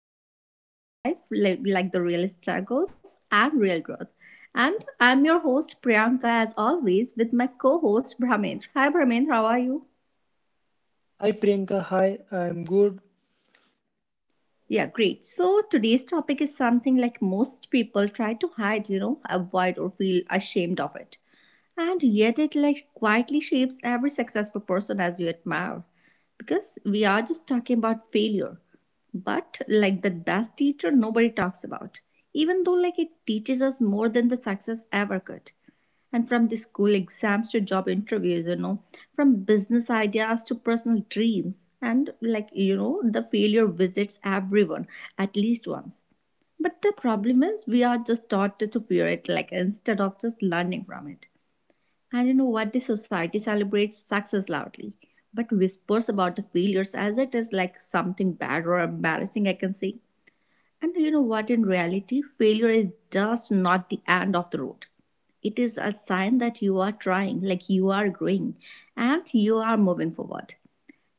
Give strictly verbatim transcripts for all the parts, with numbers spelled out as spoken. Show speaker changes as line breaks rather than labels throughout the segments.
talk about the real life, li- like the real struggles and real growth. And I'm your host, Priyanka, as always, with my co host, Brahmendra. Hi, Brahmendra, how are you?
Hi Priyanka, hi, I'm good.
Yeah, great. So, today's topic is something like most people try to hide, you know, avoid, or feel ashamed of it. And yet it like quietly shapes every successful person as you admire. Because we are just talking about failure. But like the best teacher nobody talks about. Even though like it teaches us more than the success ever could. And from the school exams to job interviews, you know, from business ideas to personal dreams. And like, you know, the failure visits everyone at least once. But the problem is, we are just taught to fear it, like instead of just learning from it. I don't know what the society celebrates success loudly, but whispers about the failures as it is like something bad or embarrassing, I can say. And you know what, in reality, failure is just not the end of the road. It is a sign that you are trying, like you are growing, and you are moving forward.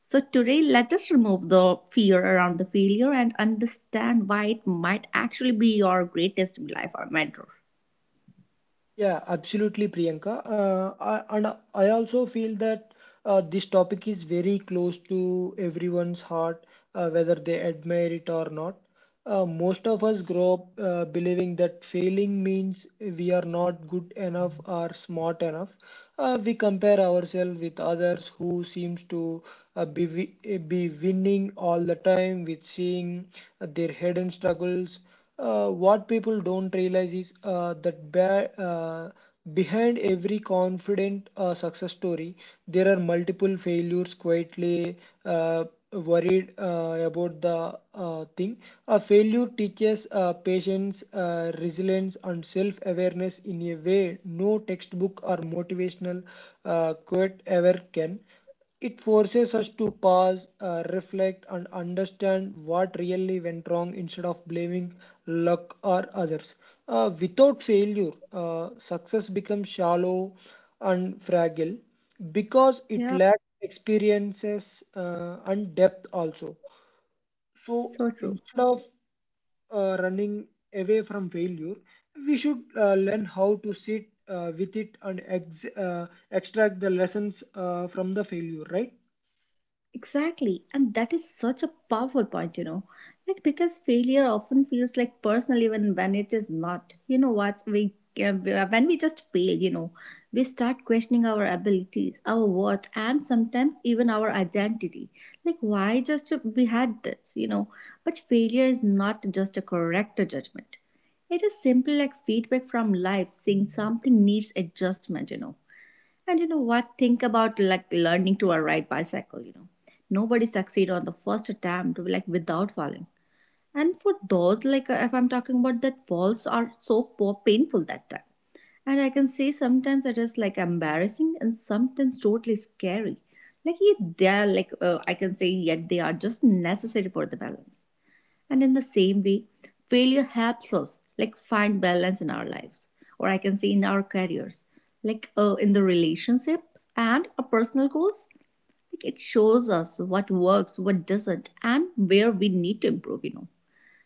So, today, let us remove the fear around the failure and understand why it might actually be your greatest life or mentor.
Yeah, absolutely, Priyanka. Uh, I, and I also feel that uh, this topic is very close to everyone's heart, uh, whether they admire it or not. Uh, most of us grow up uh, believing that failing means we are not good enough or smart enough. Uh, we compare ourselves with others who seems to uh, be wi- be winning all the time with seeing their hidden struggles. Uh, what people don't realize is uh, that ba- uh, behind every confident uh, success story, there are multiple failures quietly uh, worried uh, about the uh, thing. A failure teaches uh, patience, uh, resilience, and self awareness in a way no textbook or motivational uh, quote ever can. It forces us to pause, uh, reflect, and understand what really went wrong instead of blaming luck or others. Uh, without failure, uh, success becomes shallow and fragile because it
Yeah,
lacks experiences uh, and depth also. So
so true.
instead of uh, running away from failure, we should uh, learn how to sit uh, with it and ex- uh, extract the lessons uh, from the failure, right?
Exactly, and that is such a powerful point, you know. Like, because failure often feels like personal, even when it is not. You know what? We uh, when we just fail, you know, we start questioning our abilities, our worth, and sometimes even our identity. Like, why just we had this, you know? But failure is not just a correct judgment. It is simply like feedback from life saying something needs adjustment, you know. And you know what? Think about like learning to ride bicycle, you know. Nobody succeed on the first attempt like without falling. And for those like uh, if I'm talking about that falls are so po- painful that time. And I can say sometimes it is like embarrassing and sometimes totally scary. Like yeah, they are like uh, I can say yet they are just necessary for the balance. And in the same way, failure helps us like find balance in our lives, or I can say in our careers, like uh, in the relationship and our personal goals. Like it shows us what works, what doesn't, and where we need to improve, you know.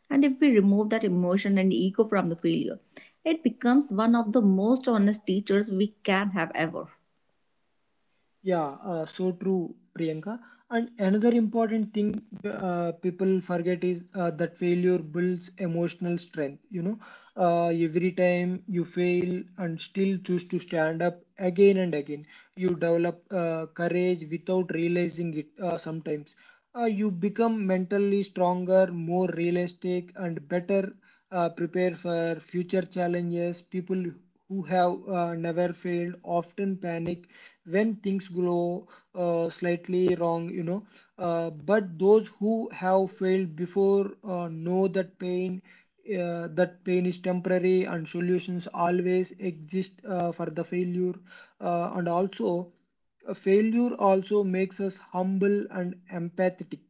And if we remove that emotion and ego from the failure, it becomes one of the most honest teachers we can have ever.
Yeah, uh, so true, Priyanka. And another important thing uh, people forget is uh, that failure builds emotional strength. You know, uh, every time you fail and still choose to stand up again and again, you develop uh, courage without realizing it uh, sometimes. Uh, you become mentally stronger, more realistic, and better uh, prepared for future challenges. People who have uh, never failed often panic when things go uh, slightly wrong, you know. Uh, but those who have failed before uh, know that pain, uh, that pain is temporary and solutions always exist uh, for the failure. Uh, and also, a failure also makes us humble and empathetic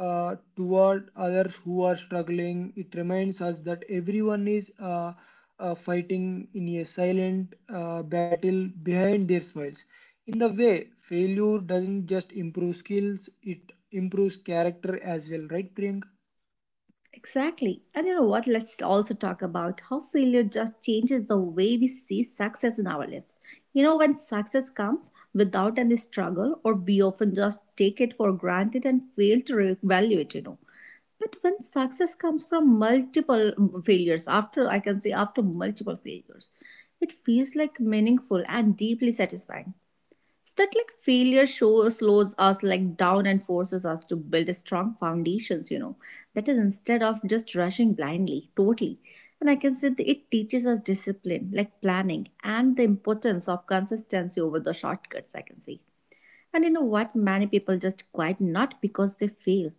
uh, toward others who are struggling. It reminds us that everyone is uh, uh, fighting in a silent uh, battle behind their smiles. In the way, failure doesn't just improve skills, it improves character as well, right, Priyanka?
Exactly. And you know what? Let's also talk about how failure just changes the way we see success in our lives. You know, when success comes without any struggle, or we often just take it for granted and fail to re- evaluate, you know. But when success comes from multiple mm, failures, after I can say after multiple failures, it feels like meaningful and deeply satisfying so that like failure show, slows us like down and forces us to build a strong foundations, you know. That is instead of just rushing blindly, totally. And I can say that it teaches us discipline, like planning, and the importance of consistency over the shortcuts, I can say. And you know what? Many people just quit not because they fail,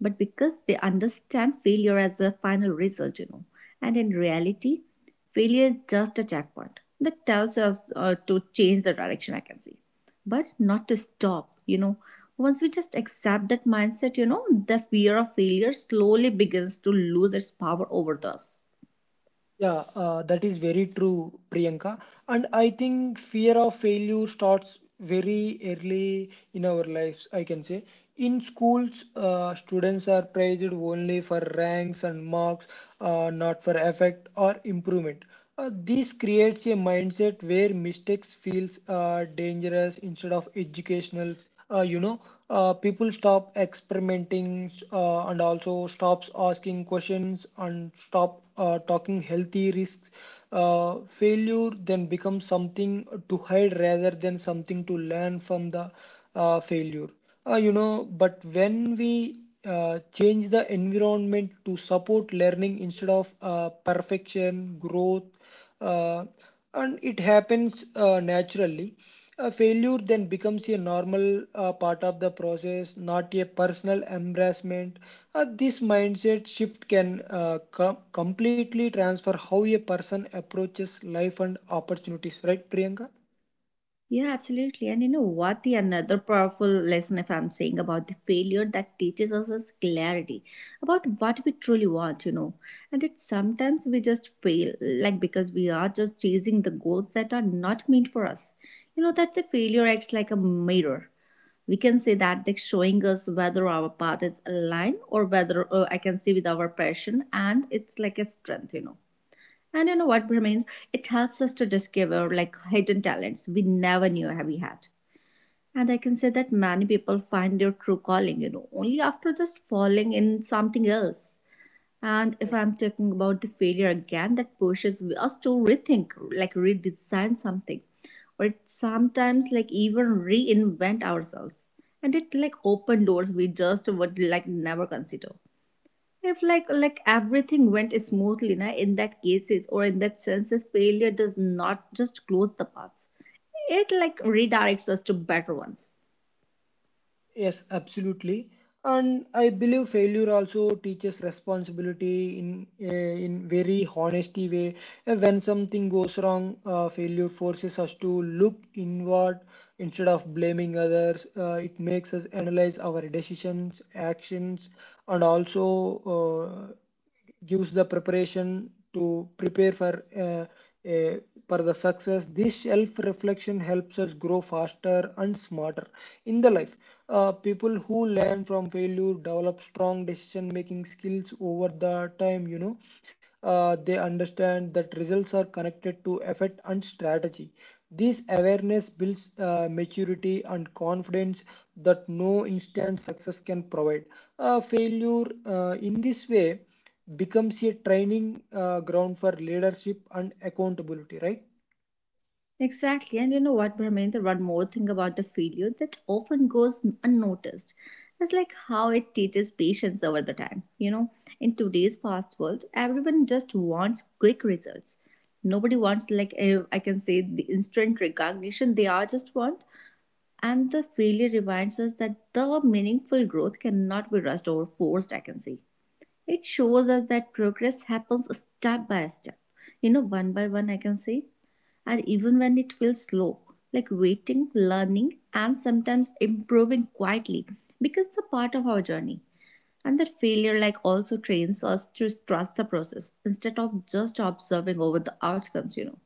but because they understand failure as a final result, you know. And in reality, failure is just a checkpoint that tells us uh, to change the direction, I can see, but not to stop, you know. Once we just accept that mindset, you know, the fear of failure slowly begins to lose its power over us.
Yeah, uh, that is very true, Priyanka. And I think fear of failure starts very early in our lives, I can say. In schools, uh, students are praised only for ranks and marks, uh, not for effect or improvement. Uh, this creates a mindset where mistakes feels uh, dangerous instead of educational. Uh, you know uh, people stop experimenting uh, and also stops asking questions and stop uh, talking healthy risks. Uh, failure then becomes something to hide rather than something to learn from the uh, failure. Uh, you know but when we uh, change the environment to support learning instead of uh, perfection growth, uh, and it happens uh, naturally. A failure then becomes a normal uh, part of the process, not a personal embarrassment. Uh, this mindset shift can uh, com- completely transfer how a person approaches life and opportunities, right, Priyanka?
Yeah, absolutely. And you know what? The another powerful lesson, if I'm saying about the failure that teaches us is clarity about what we truly want, you know. And that sometimes we just fail, like because we are just chasing the goals that are not meant for us. You know, that the failure acts like a mirror. We can say that they're showing us whether our path is aligned or whether uh, I can see with our passion, and it's like a strength, you know. And you know what, Brahmin? It helps us to discover like hidden talents we never knew we had. And I can say that many people find their true calling, you know, only after just falling in something else. And if I'm talking about the failure again, that pushes us to rethink, like redesign something, or sometimes like even reinvent ourselves. And it like open doors we just would like never consider if like like everything went smoothly na, in that cases or in that senses failure does not just close the paths, it like redirects us to better ones.
Yes, absolutely. And I believe failure also teaches responsibility in uh, in very honesty way. Uh, When something goes wrong, uh, failure forces us to look inward instead of blaming others. Uh, it makes us analyze our decisions, actions, and also uh, gives the preparation to prepare for uh, a- for the success. This self reflection helps us grow faster and smarter in the life. Uh, people who learn from failure develop strong decision making skills over the time, you know. Uh, they understand that results are connected to effort and strategy. This awareness builds uh, maturity and confidence that no instant success can provide. Uh, failure uh, in this way becomes a training uh, ground for leadership and accountability, right?
Exactly, and you know what, Brahmendra, one more thing about the failure that often goes unnoticed is like how it teaches patience over the time, you know. In today's fast world, everyone just wants quick results. Nobody wants like eh, I can say the instant recognition, they are just want. And the failure reminds us that the meaningful growth cannot be rushed or forced, I can say. It shows us that progress happens step by step, you know, one by one, I can say. And even when it feels slow, like waiting, learning, and sometimes improving quietly becomes a part of our journey. And that failure, like, also trains us to trust the process instead of just observing over the outcomes, you know.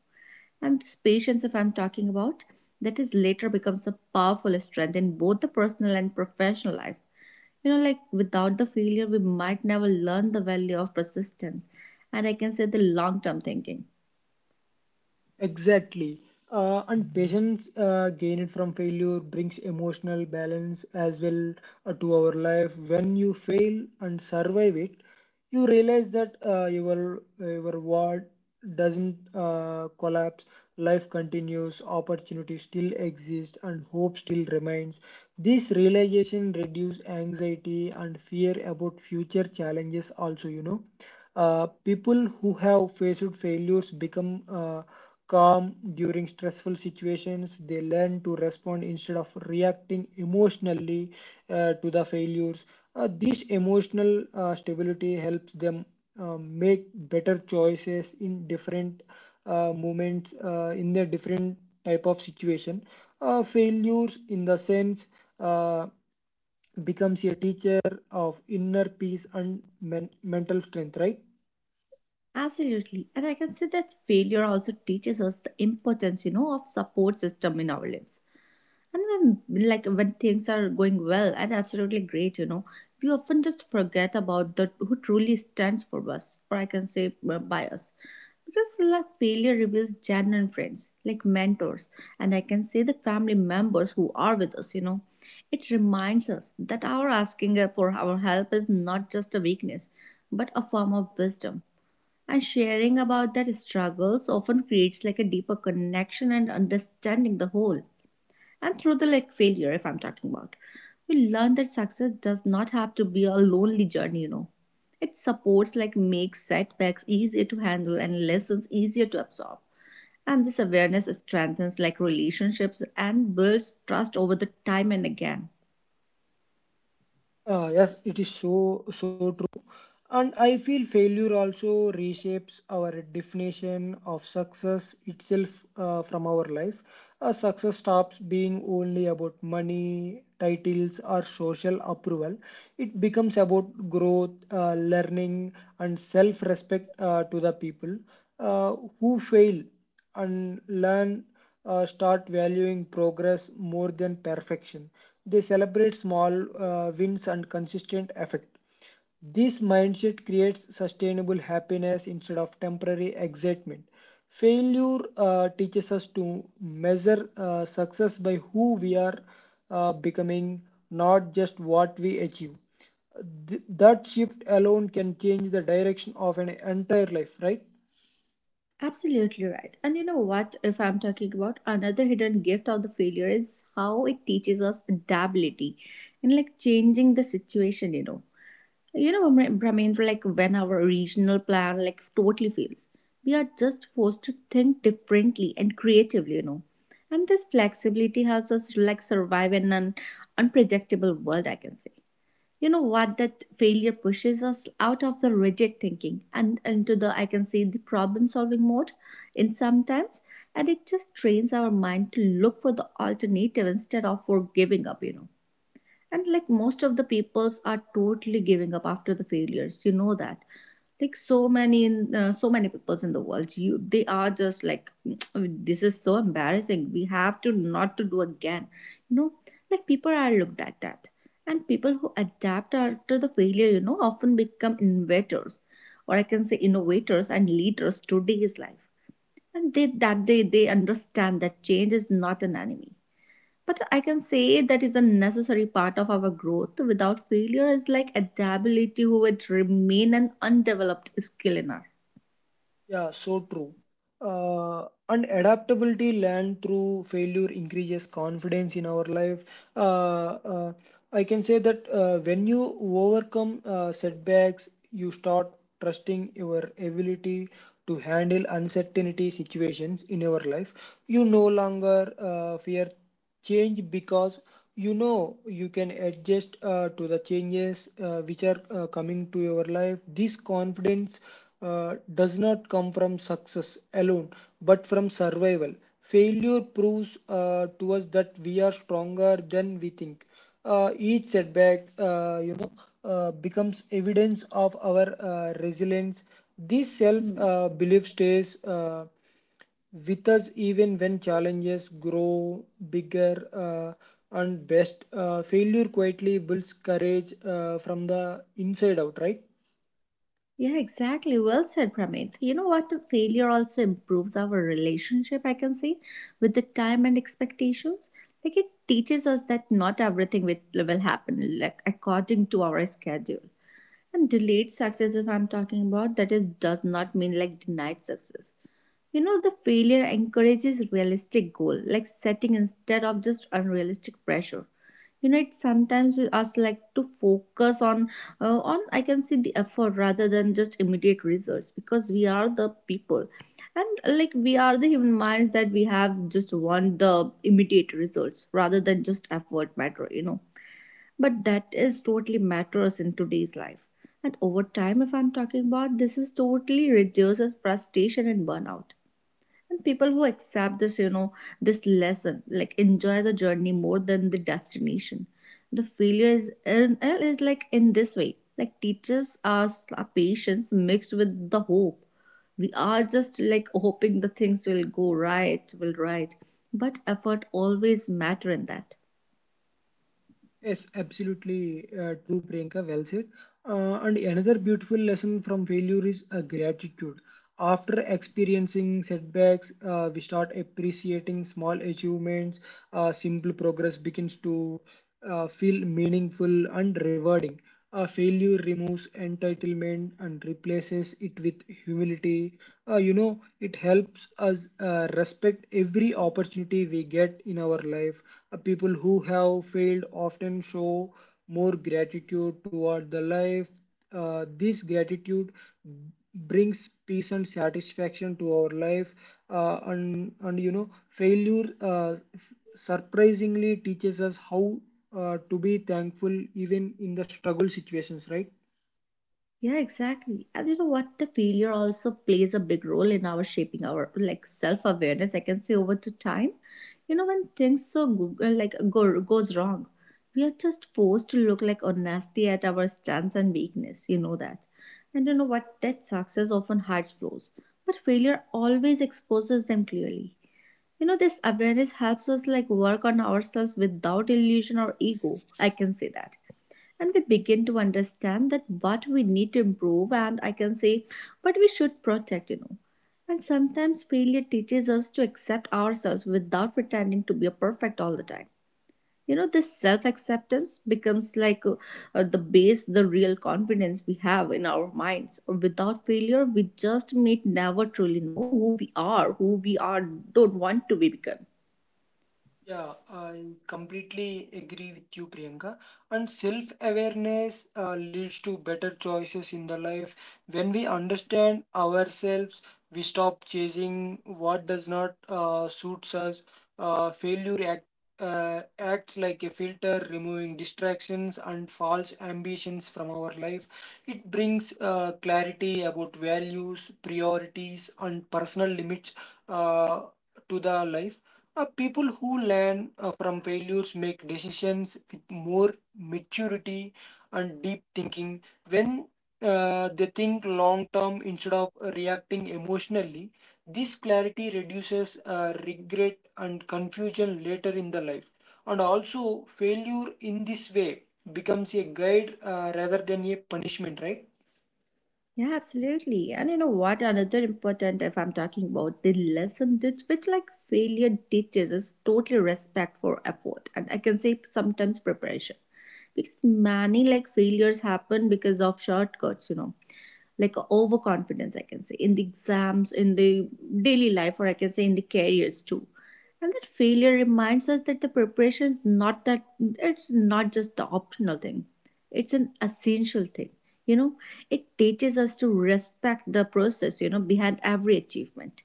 And this patience, if I'm talking about, that is later becomes a powerful strength in both the personal and professional life. You know, like without the failure, we might never learn the value of persistence. And I can say the long term thinking.
Exactly. Uh, and patience uh, gained from failure brings emotional balance as well uh, to our life. When you fail and survive it, you realize that uh, your your world doesn't uh, collapse. Life continues, opportunity still exists, and hope still remains. This realization reduces anxiety and fear about future challenges. Also, you know, uh, people who have faced failures become uh, calm during stressful situations. They learn to respond instead of reacting emotionally uh, to the failures. Uh, this emotional uh, stability helps them uh, make better choices in different uh, moments, uh, in their different type of situation. Uh, failures, in the sense, uh, becomes a teacher of inner peace and men- mental strength, right?
Absolutely. And I can say that failure also teaches us the importance, you know, of support system in our lives. And when, like when things are going well and absolutely great, you know, we often just forget about the who truly stands for us, or I can say uh, by us. Because like failure reveals genuine friends, like mentors, and I can say the family members who are with us, you know. It reminds us that our asking for our help is not just a weakness, but a form of wisdom. And sharing about that struggles often creates like a deeper connection and understanding the whole. And through the like failure, if I'm talking about, we learn that success does not have to be a lonely journey, you know. It supports like makes setbacks easier to handle and lessons easier to absorb, and this awareness strengthens like relationships and builds trust over the time and again.
Uh, yes, it is so so true. And I feel failure also reshapes our definition of success itself uh, from our life. Uh, success stops being only about money, titles, or social approval. It becomes about growth, uh, learning, and self respect uh, to the people uh, who fail and learn uh, start valuing progress more than perfection. They celebrate small uh, wins and consistent effort. This mindset creates sustainable happiness instead of temporary excitement. Failure uh, teaches us to measure uh, success by who we are uh, becoming, not just what we achieve. Th- that shift alone can change the direction of an entire life, right?
Absolutely right. And you know what? If I'm talking about another hidden gift of the failure is how it teaches us adaptability and like changing the situation, you know. You know, Bhra- Brahmendra, like when our regional plan like totally fails, we are just forced to think differently and creatively, you know. And this flexibility helps us like survive in an unpredictable world, I can say. You know what? That failure pushes us out of the rigid thinking and into the, I can say, the problem solving mode in sometimes. And it just trains our mind to look for the alternative instead of for giving up, you know. And like most of the peoples are totally giving up after the failures, you know that, like so many in uh, so many peoples in the world, you they are just like "Mm, I mean, this is so embarrassing, we have to not to do again, you know, like people are looked at that." And people who adapt after the failure, you know, often become innovators, or I can say innovators and leaders today's life. And they that they they understand that change is not an enemy, but I can say that is a necessary part of our growth. Without failure is like adaptability who would remain an undeveloped skill in our.
Yeah, so true. Uh, and adaptability learned through failure increases confidence in our life. Uh, uh, I can say that uh, when you overcome uh, setbacks, you start trusting your ability to handle uncertainty situations in your life. You no longer uh, fear change because you know you can adjust uh, to the changes uh, which are uh, coming to your life. This confidence uh, does not come from success alone, but from survival. Failure proves uh, to us that we are stronger than we think. Uh, each setback, uh, you know uh, becomes evidence of our uh, resilience. This self
Hmm.
uh, belief stays uh, with us even when challenges grow bigger uh, and best. Uh, failure quietly builds courage uh, from the inside out, right?
Yeah, exactly. Well said, Pramit. You know what? Failure also improves our relationship, I can say, with the time and expectations. Like it teaches us that not everything will will happen like according to our schedule. And delayed success, if I'm talking about, that is does not mean like denied success. You know, the failure encourages realistic goal, like setting instead of just unrealistic pressure. You know, it sometimes us like to focus on uh, on I can say the effort rather than just immediate results because we are the people, and uh, like we are the human minds that we have just want the immediate results rather than just effort matter. You know, but that is totally matters in today's life. And over time, if I'm talking about this, is totally reduces frustration and burnout and people who accept this you know this lesson like enjoy the journey more than the destination. The failure is in, uh, is like in this way like teaches us our patience mixed with the hope. We are just like hoping the things will go right will right, but effort always matter in that.
Yes, absolutely uh, true, Priyanka. Well said. Uh, and another beautiful lesson from failure is uh, gratitude. After experiencing setbacks, uh, we start appreciating small achievements. Uh, simple progress begins to uh, feel meaningful and rewarding. Uh, failure removes entitlement and replaces it with humility. Uh, you know, it helps us uh, respect every opportunity we get in our life. Uh, people who have failed often show more gratitude toward the life. Uh, this gratitude brings peace and satisfaction to our life, uh, and and you know failure uh, surprisingly teaches us how uh, to be thankful even in the struggle situations, right?
Yeah, exactly. And you know what? The failure also plays a big role in our shaping our like self awareness, I can say. Over to time, you know, when things so go- uh, like go, goes wrong, we are just forced to look like honesty at our stance and weakness. You know that, and you know what? That success often hides flaws, but failure always exposes them clearly. You know, this awareness helps us like work on ourselves without illusion or ego. I can say that, and we begin to understand that what we need to improve and I can say what we should protect you know And sometimes failure teaches us to accept ourselves without pretending to be perfect all the time, you know. This self acceptance becomes like uh, uh, the base, the real confidence we have in our minds. Without failure we just may never truly know who we are who we are, don't want to be become.
Yeah, I completely agree with you, Priyanka. And self-awareness uh, leads to better choices in the life. When we understand ourselves, we stop chasing what does not uh, suits us. Uh, failure uh, acts like a filter, removing distractions and false ambitions from our life. It brings uh, clarity about values, priorities, and personal limits uh, to the life. Uh, people who learn uh, from failures make decisions with more maturity and deep thinking. When uh, they think long term instead of reacting emotionally, this clarity reduces uh, regret and confusion later in the life. And also, failure in this way becomes a guide uh, rather than a punishment, right?
Yeah, absolutely. And you know what? Another important, if I'm talking about the lesson that which like failure teaches is totally respect for effort. And I can say sometimes preparation. Because many like failures happen because of shortcuts, you know, like overconfidence, I can say, in the exams, in the daily life, or I can say in the careers too. And that failure reminds us that the preparation is not that it's not just the optional thing. It's an essential thing you know it teaches us to respect the process you know behind every achievement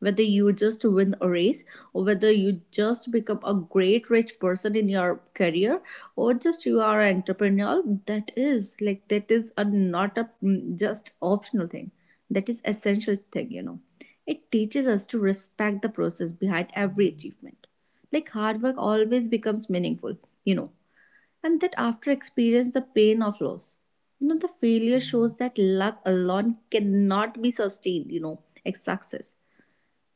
whether you just win a race or whether you just become a great rich person in your career or just you are an entrepreneur that is like that is a not a mm, just optional thing that is essential thing you know it teaches us to respect the process behind every achievement like hard work always becomes meaningful you know and that after experience the pain of loss you know the failure shows that luck alone cannot be sustained you know like success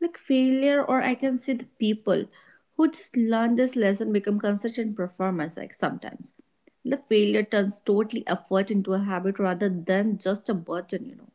like failure or I can say the people who just learn this lesson become consistent performers like sometimes the failure turns totally effort into a habit rather than just a burden you know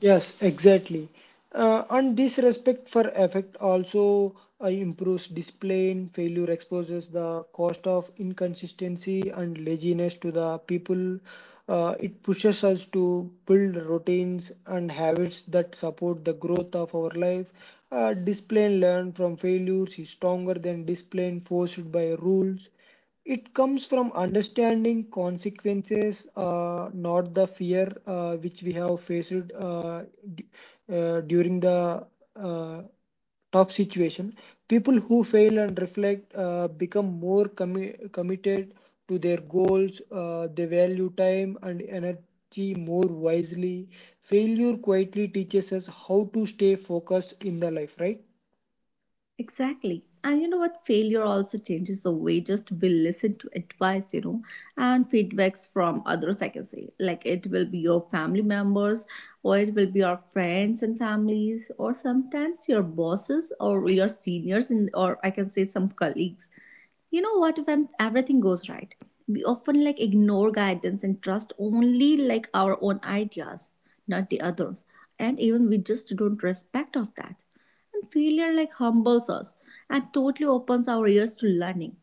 Yes, exactly. Uh, and this respect for effect also uh, improves discipline. Failure exposes the cost of inconsistency and laziness to the people. Uh, it pushes us to build routines and habits that support the growth of our life. Uh, discipline learned from failures is stronger than discipline forced by rules. It comes from understanding consequences, uh, not the fear uh, which we have faced uh, d- uh, during the uh, tough situation. People who fail and reflect uh, become more commi- committed to their goals. Uh, they value time and energy more wisely. Failure quietly teaches us how to stay focused in the life, right?
Exactly. And you know what? Failure also changes the way just we listen to advice, you know, and feedbacks from others, I can say. Like it will be your family members, or it will be your friends and families, or sometimes your bosses or your seniors, and or I can say some colleagues. You know what? When everything goes right, we often like ignore guidance and trust only like our own ideas, not the others. And even we just don't respect of that and failure like humbles us and totally opens our ears to learning.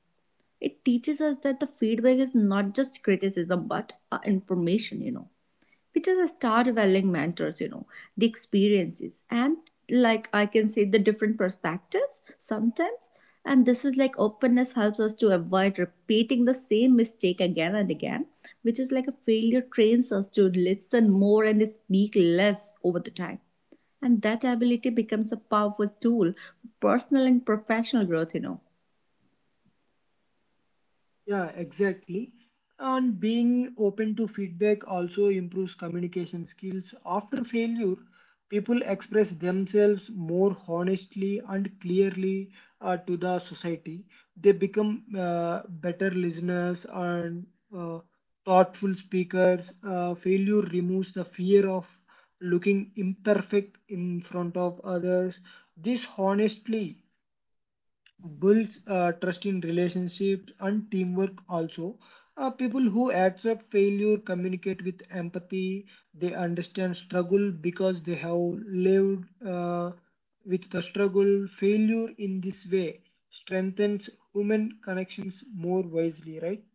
It teaches us that the feedback is not just criticism but uh, information, you know because I started valuing mentors, you know, the experiences and like I can say the different perspectives sometimes. And this is like openness helps us to avoid repeating the same mistake again and again, which is like a failure trains us to listen more and speak less over the time. And that ability becomes a powerful tool for personal and professional growth, you know.
Yeah, exactly. And being open to feedback also improves communication skills. After failure, people express themselves more honestly and clearly uh, to the society. They become uh, better listeners and uh, thoughtful speakers. Uh, failure removes the fear of looking imperfect in front of others. This honestly builds uh, trust in relationships and teamwork also. Uh, people who accept failure communicate with empathy. They understand struggle because they have lived uh, with the struggle. Failure in this way strengthens human connections more wisely, right?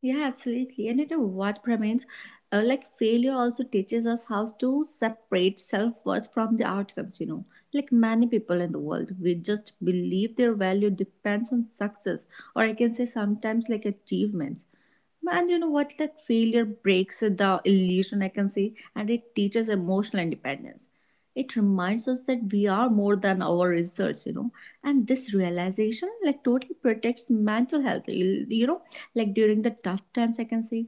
Yeah, absolutely. And you know what, Pramendra? Uh, like failure also teaches us how to separate self-worth from the outcomes, you know. Like many people in the world, we just believe their value depends on success, or I can say sometimes like achievements. And you know what? Like failure breaks the illusion, I can say, and it teaches emotional independence. It reminds us that we are more than our results, you know. And this realization, like, totally protects mental health. You, you know, like during the tough times, I can say,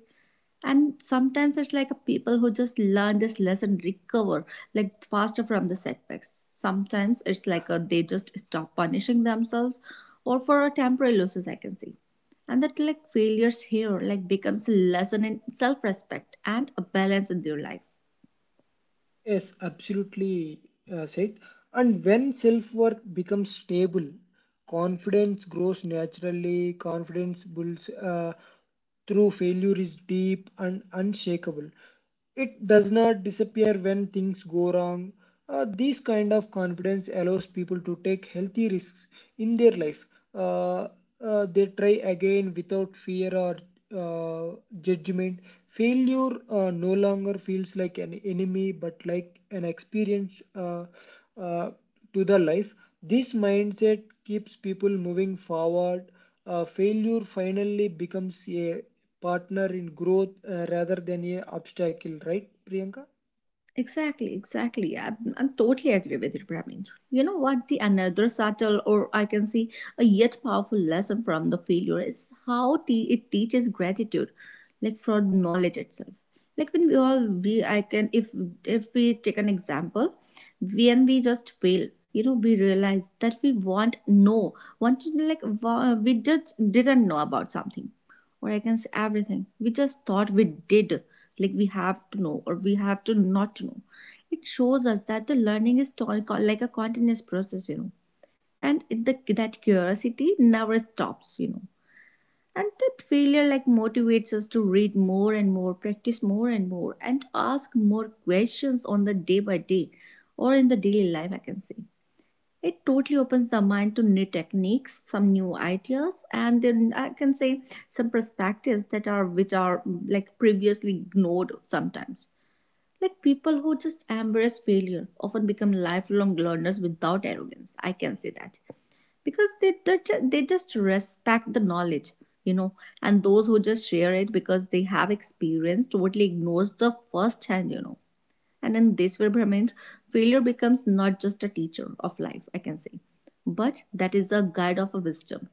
and sometimes it's like a people who just learn this lesson recover like faster from the setbacks. Sometimes it's like a, they just stop punishing themselves or for a temporary losses, I can see. And that like failures here like becomes a lesson in self-respect and a balance in their life.
Yes, absolutely uh, said. And when self worth becomes stable, confidence grows naturally. Confidence builds uh, through failure is deep and unshakable. It does not disappear when things go wrong. Uh, this kind of confidence allows people to take healthy risks in their life. Uh, uh, they try again without fear or uh, judgment. Failure uh, no longer feels like an enemy but like an experience, uh, uh, to the life. This mindset keeps people moving forward. Uh, failure finally becomes a partner in growth uh, rather than a obstacle, right, Priyanka?
Exactly, exactly. I'm, I'm totally agree with you, Brahmin. You know what? The another subtle, or I can say a yet powerful lesson from the failure is how te- it teaches gratitude, like for knowledge itself. Like when we all we I can if if we take an example, when we just fail, you know, we realize that we want no, want to like wa- we just didn't know about something or I can say everything. We just thought we did, like we have to know or we have to not to know. It shows us that the learning is like a continuous process, you know. And the, that curiosity never stops, you know. And that failure like motivates us to read more and more, practice more and more, and ask more questions on the day by day, or in the daily life, I can say. It totally opens the mind to new techniques, some new ideas, and then I can say some perspectives that are which are like previously ignored sometimes. Like people who just embrace failure often become lifelong learners without arrogance, I can say that. Because they they ju- they just respect the knowledge, you know. And those who just share it because they have experience totally ignores the first hand, you know. And in this way, Brahmin, failure becomes not just a teacher of life, I can say, but that is a guide of a wisdom.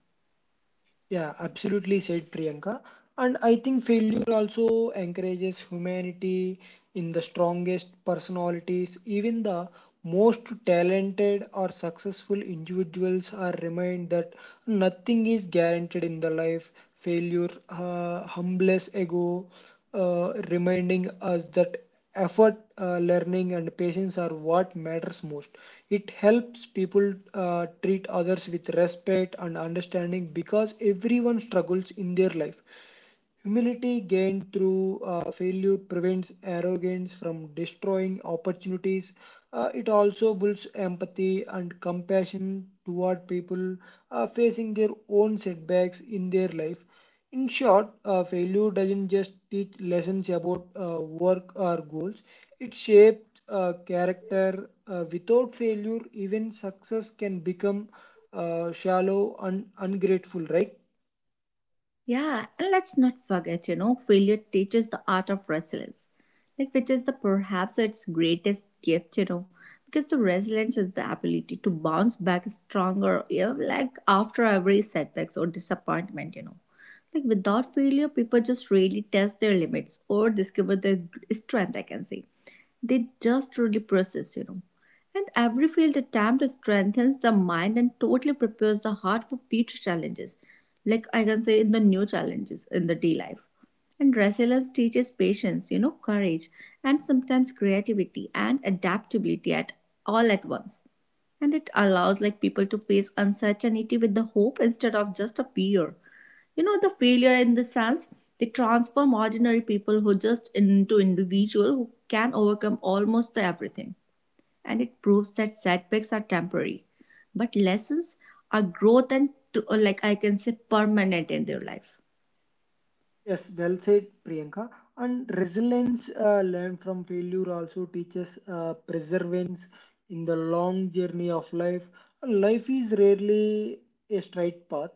Yeah, absolutely said Priyanka. And I think failure also encourages humanity in the strongest personalities. Even the most talented or successful individuals are reminded that nothing is guaranteed in the life. Failure uh, humbles ego, uh, reminding us that effort, uh, learning, and patience are what matters most. It helps people uh, treat others with respect and understanding because everyone struggles in their life. Humility gained through uh, failure prevents arrogance from destroying opportunities. Uh, it also builds empathy and compassion toward people uh, facing their own setbacks in their life. In short, uh, failure doesn't just teach lessons about uh, work or goals, it shapes uh, character. Uh, without failure, even success can become uh, shallow and ungrateful, right?
Yeah, and let's not forget, you know, failure teaches the art of resilience, like which is the perhaps its greatest gift, you know. Because the resilience is the ability to bounce back stronger, you know, like after every setbacks or disappointment, you know. Like without failure, people just really test their limits or discover their strength, I can say, they just truly process, you know. And every field attempt strengthens the mind and totally prepares the heart for future challenges. Like I can say, in the new challenges in the day life. And resilience teaches patience, you know, courage, and sometimes creativity and adaptability at all at once. And it allows like people to face uncertainty with the hope instead of just a fear, you know. The failure in the sense, they transform ordinary people who just into individual who can overcome almost everything. And it proves that setbacks are temporary, but lessons are growth and to, like I can say, permanent in their life.
Yes, well said, Priyanka. And resilience uh, learned from failure also teaches uh, perseverance in the long journey of life. Life is rarely a straight path,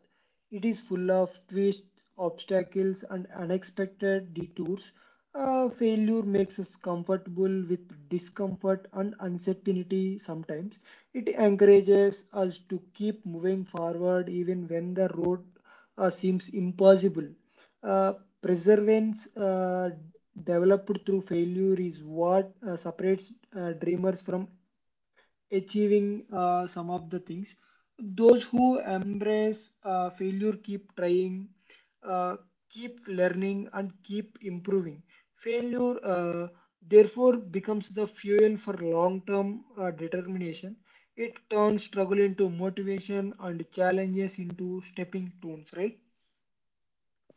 it is full of twists, obstacles, and unexpected detours. Uh, failure makes us comfortable with discomfort and uncertainty sometimes. It encourages us to keep moving forward even when the road uh, seems impossible. Uh, Perseverance uh, developed through failure is what uh, separates uh, dreamers from achieving uh, some of the things. Those who embrace uh, failure keep trying, uh, keep learning, and keep improving. Failure, uh, therefore, becomes the fuel for long term uh, determination. It turns struggle into motivation and challenges into stepping stones, right?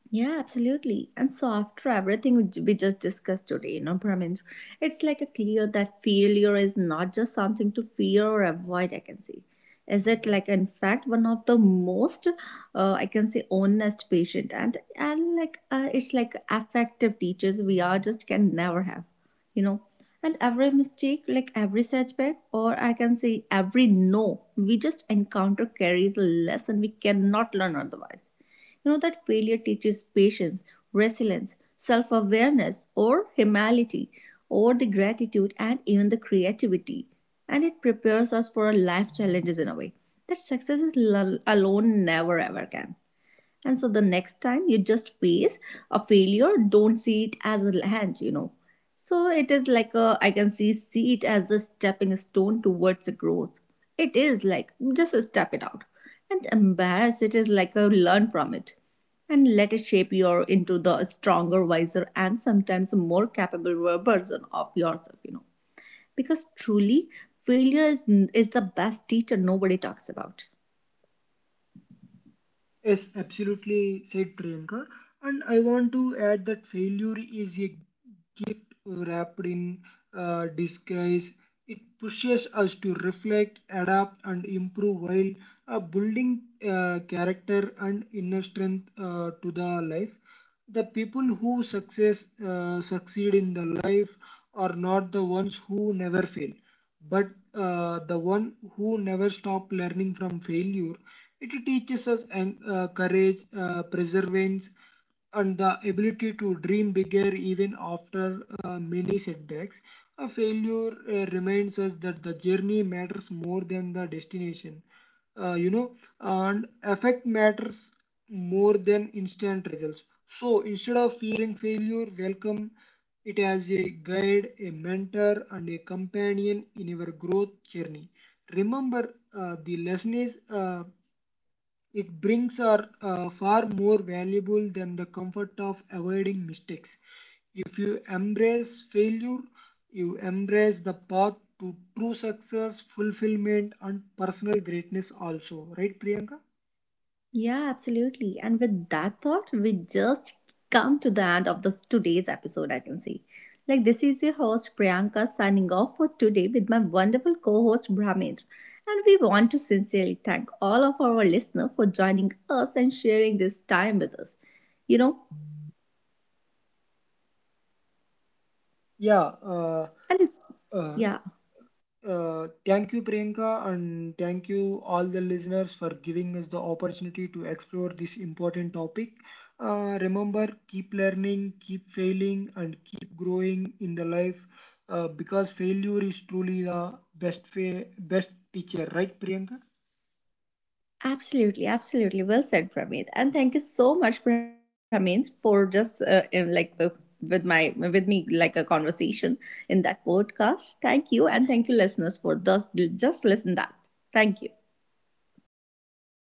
Yeah, absolutely. And so after everything which we just discussed today, you know, Brahmin, it's like a clear that failure is not just something to fear or avoid, I can say. Is it like, in fact, one of the most, uh, I can say, honest patient and, and like, uh, it's like effective teachers we are just can never have, you know. And every mistake, like every setback, or I can say every no, we just encounter carries a lesson we cannot learn otherwise, you know. That failure teaches patience, resilience, self awareness, or humility, or the gratitude and even the creativity. And it prepares us for our life challenges in a way that success is l- alone never ever can. And so the next time you just face a failure, don't see it as a land, you know. So it is like a, I can see, see it as a stepping stone towards a growth. It is like, just step it out. And embarrass it is like a learn from it. And let it shape you into the stronger, wiser, and sometimes more capable version of yourself, you know. Because truly, failure is, is the best teacher nobody talks about.
Yes, absolutely, said Priyanka. And I want to add that failure is a gift wrapped in uh, disguise. It pushes us to reflect, adapt, and improve while uh, building uh, character and inner strength uh, to the life. The people who success uh, succeed in the life are not the ones who never fail but uh, the one who never stops learning from failure. It teaches us and uh, courage, uh, perseverance, and the ability to dream bigger even after uh, many setbacks. A failure uh, reminds us that the journey matters more than the destination. Uh, you know and effect matters more than instant results. So instead of fearing failure, welcome it as a guide, a mentor, and a companion in your growth journey. Remember, uh, the lesson is, uh, it brings are uh, far more valuable than the comfort of avoiding mistakes. If you embrace failure, you embrace the path to true success, fulfillment, and personal greatness also. Right, Priyanka?
Yeah, absolutely. And with that thought, we just come to the end of this today's episode, I can say. Like this is your host Priyanka signing off for today with my wonderful co-host Brahmendra. And we want to sincerely thank all of our listeners for joining us and sharing this time with us. You know,
Yeah. Uh,
and
uh,
yeah.
Uh, thank you, Priyanka, and thank you all the listeners for giving us the opportunity to explore this important topic. Uh, remember, keep learning, keep failing, and keep growing in the life uh, because failure is truly the best fa- best teacher, right, Priyanka?
Absolutely, absolutely. Well said, Pramit. And thank you so much, Pramit, for just uh, in, like w- with my with me like a conversation in that podcast. Thank you, and thank you, listeners, for thus just listen that. Thank you.
Yeah, thank you.